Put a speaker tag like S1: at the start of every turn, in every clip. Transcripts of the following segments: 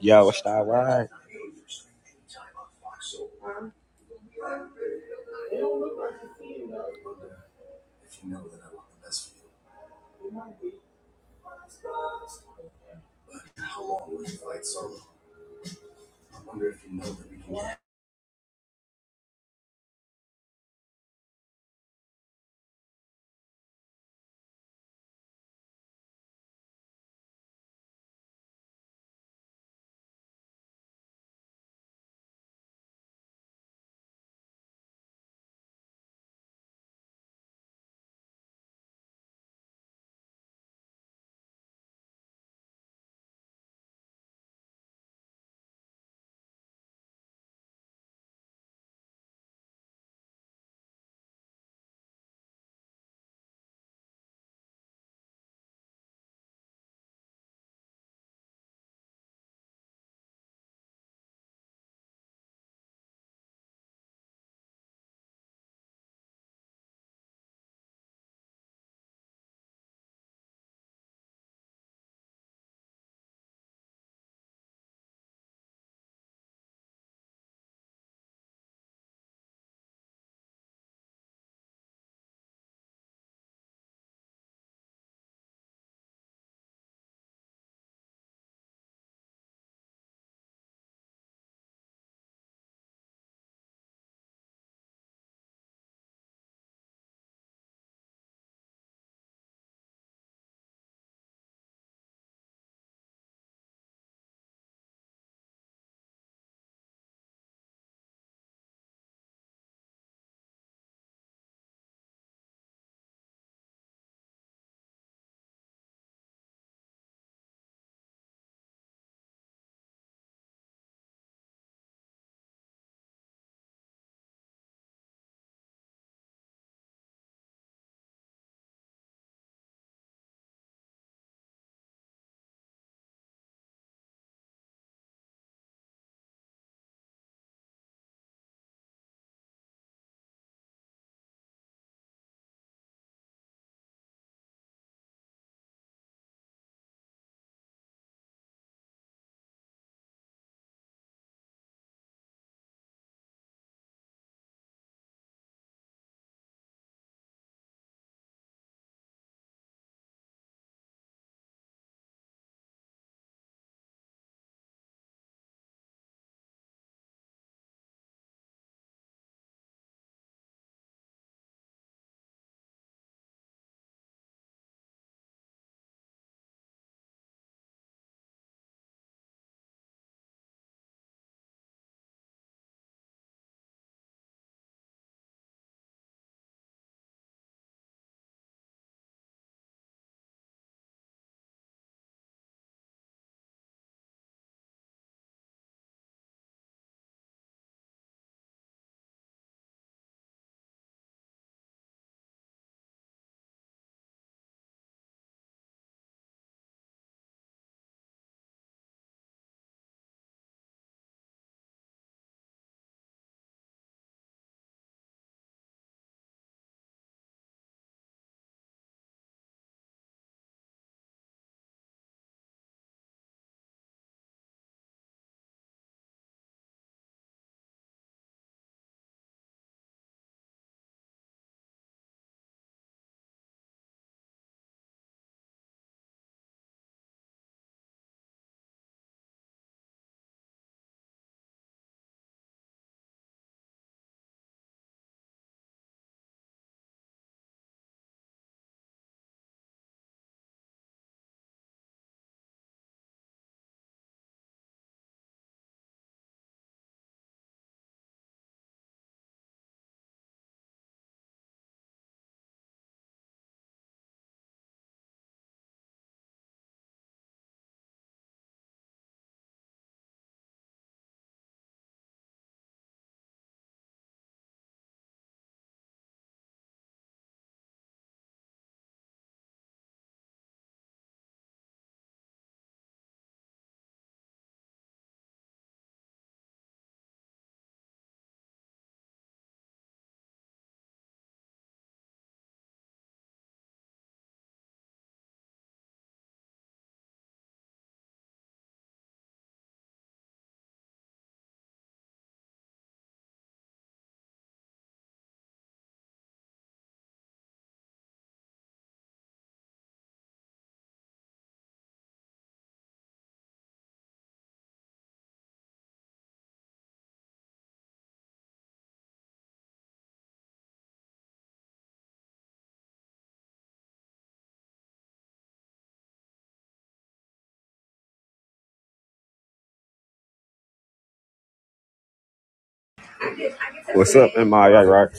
S1: Yo, what's that right? What's up, MIA, right?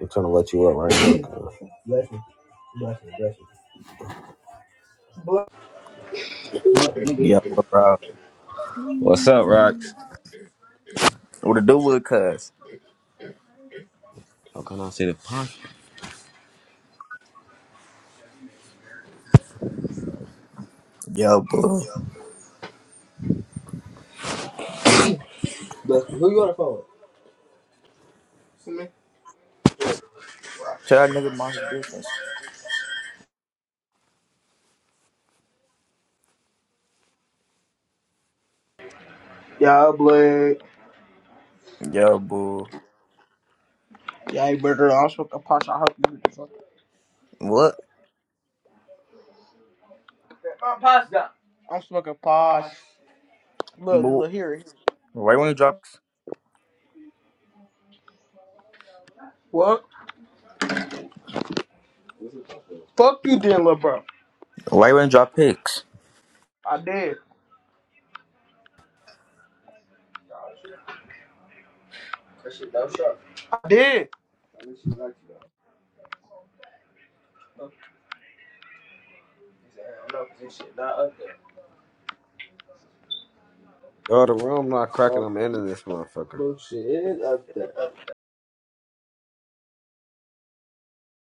S1: I'm trying to let you up right now.
S2: Yo, bro.
S1: What's up, Rox?
S2: What it do with it, cuz?
S1: How can I see the punch?
S2: Yo, boo. Tell that nigga mind his business.
S3: Yeah, all Yeah,
S2: Yo, boo.
S3: you I'm smoking posh. I hope you hear fuck.
S2: What?
S3: I'm posh down. I'm smoking posh. Look,
S2: Boo.
S3: look here. here.
S2: Why you wanna drop?
S3: What? Fuck you then, little bro.
S2: Why you wanna drop pics?
S3: I did. I did.
S1: Yo, the room not cracking. I'm ending this motherfucker.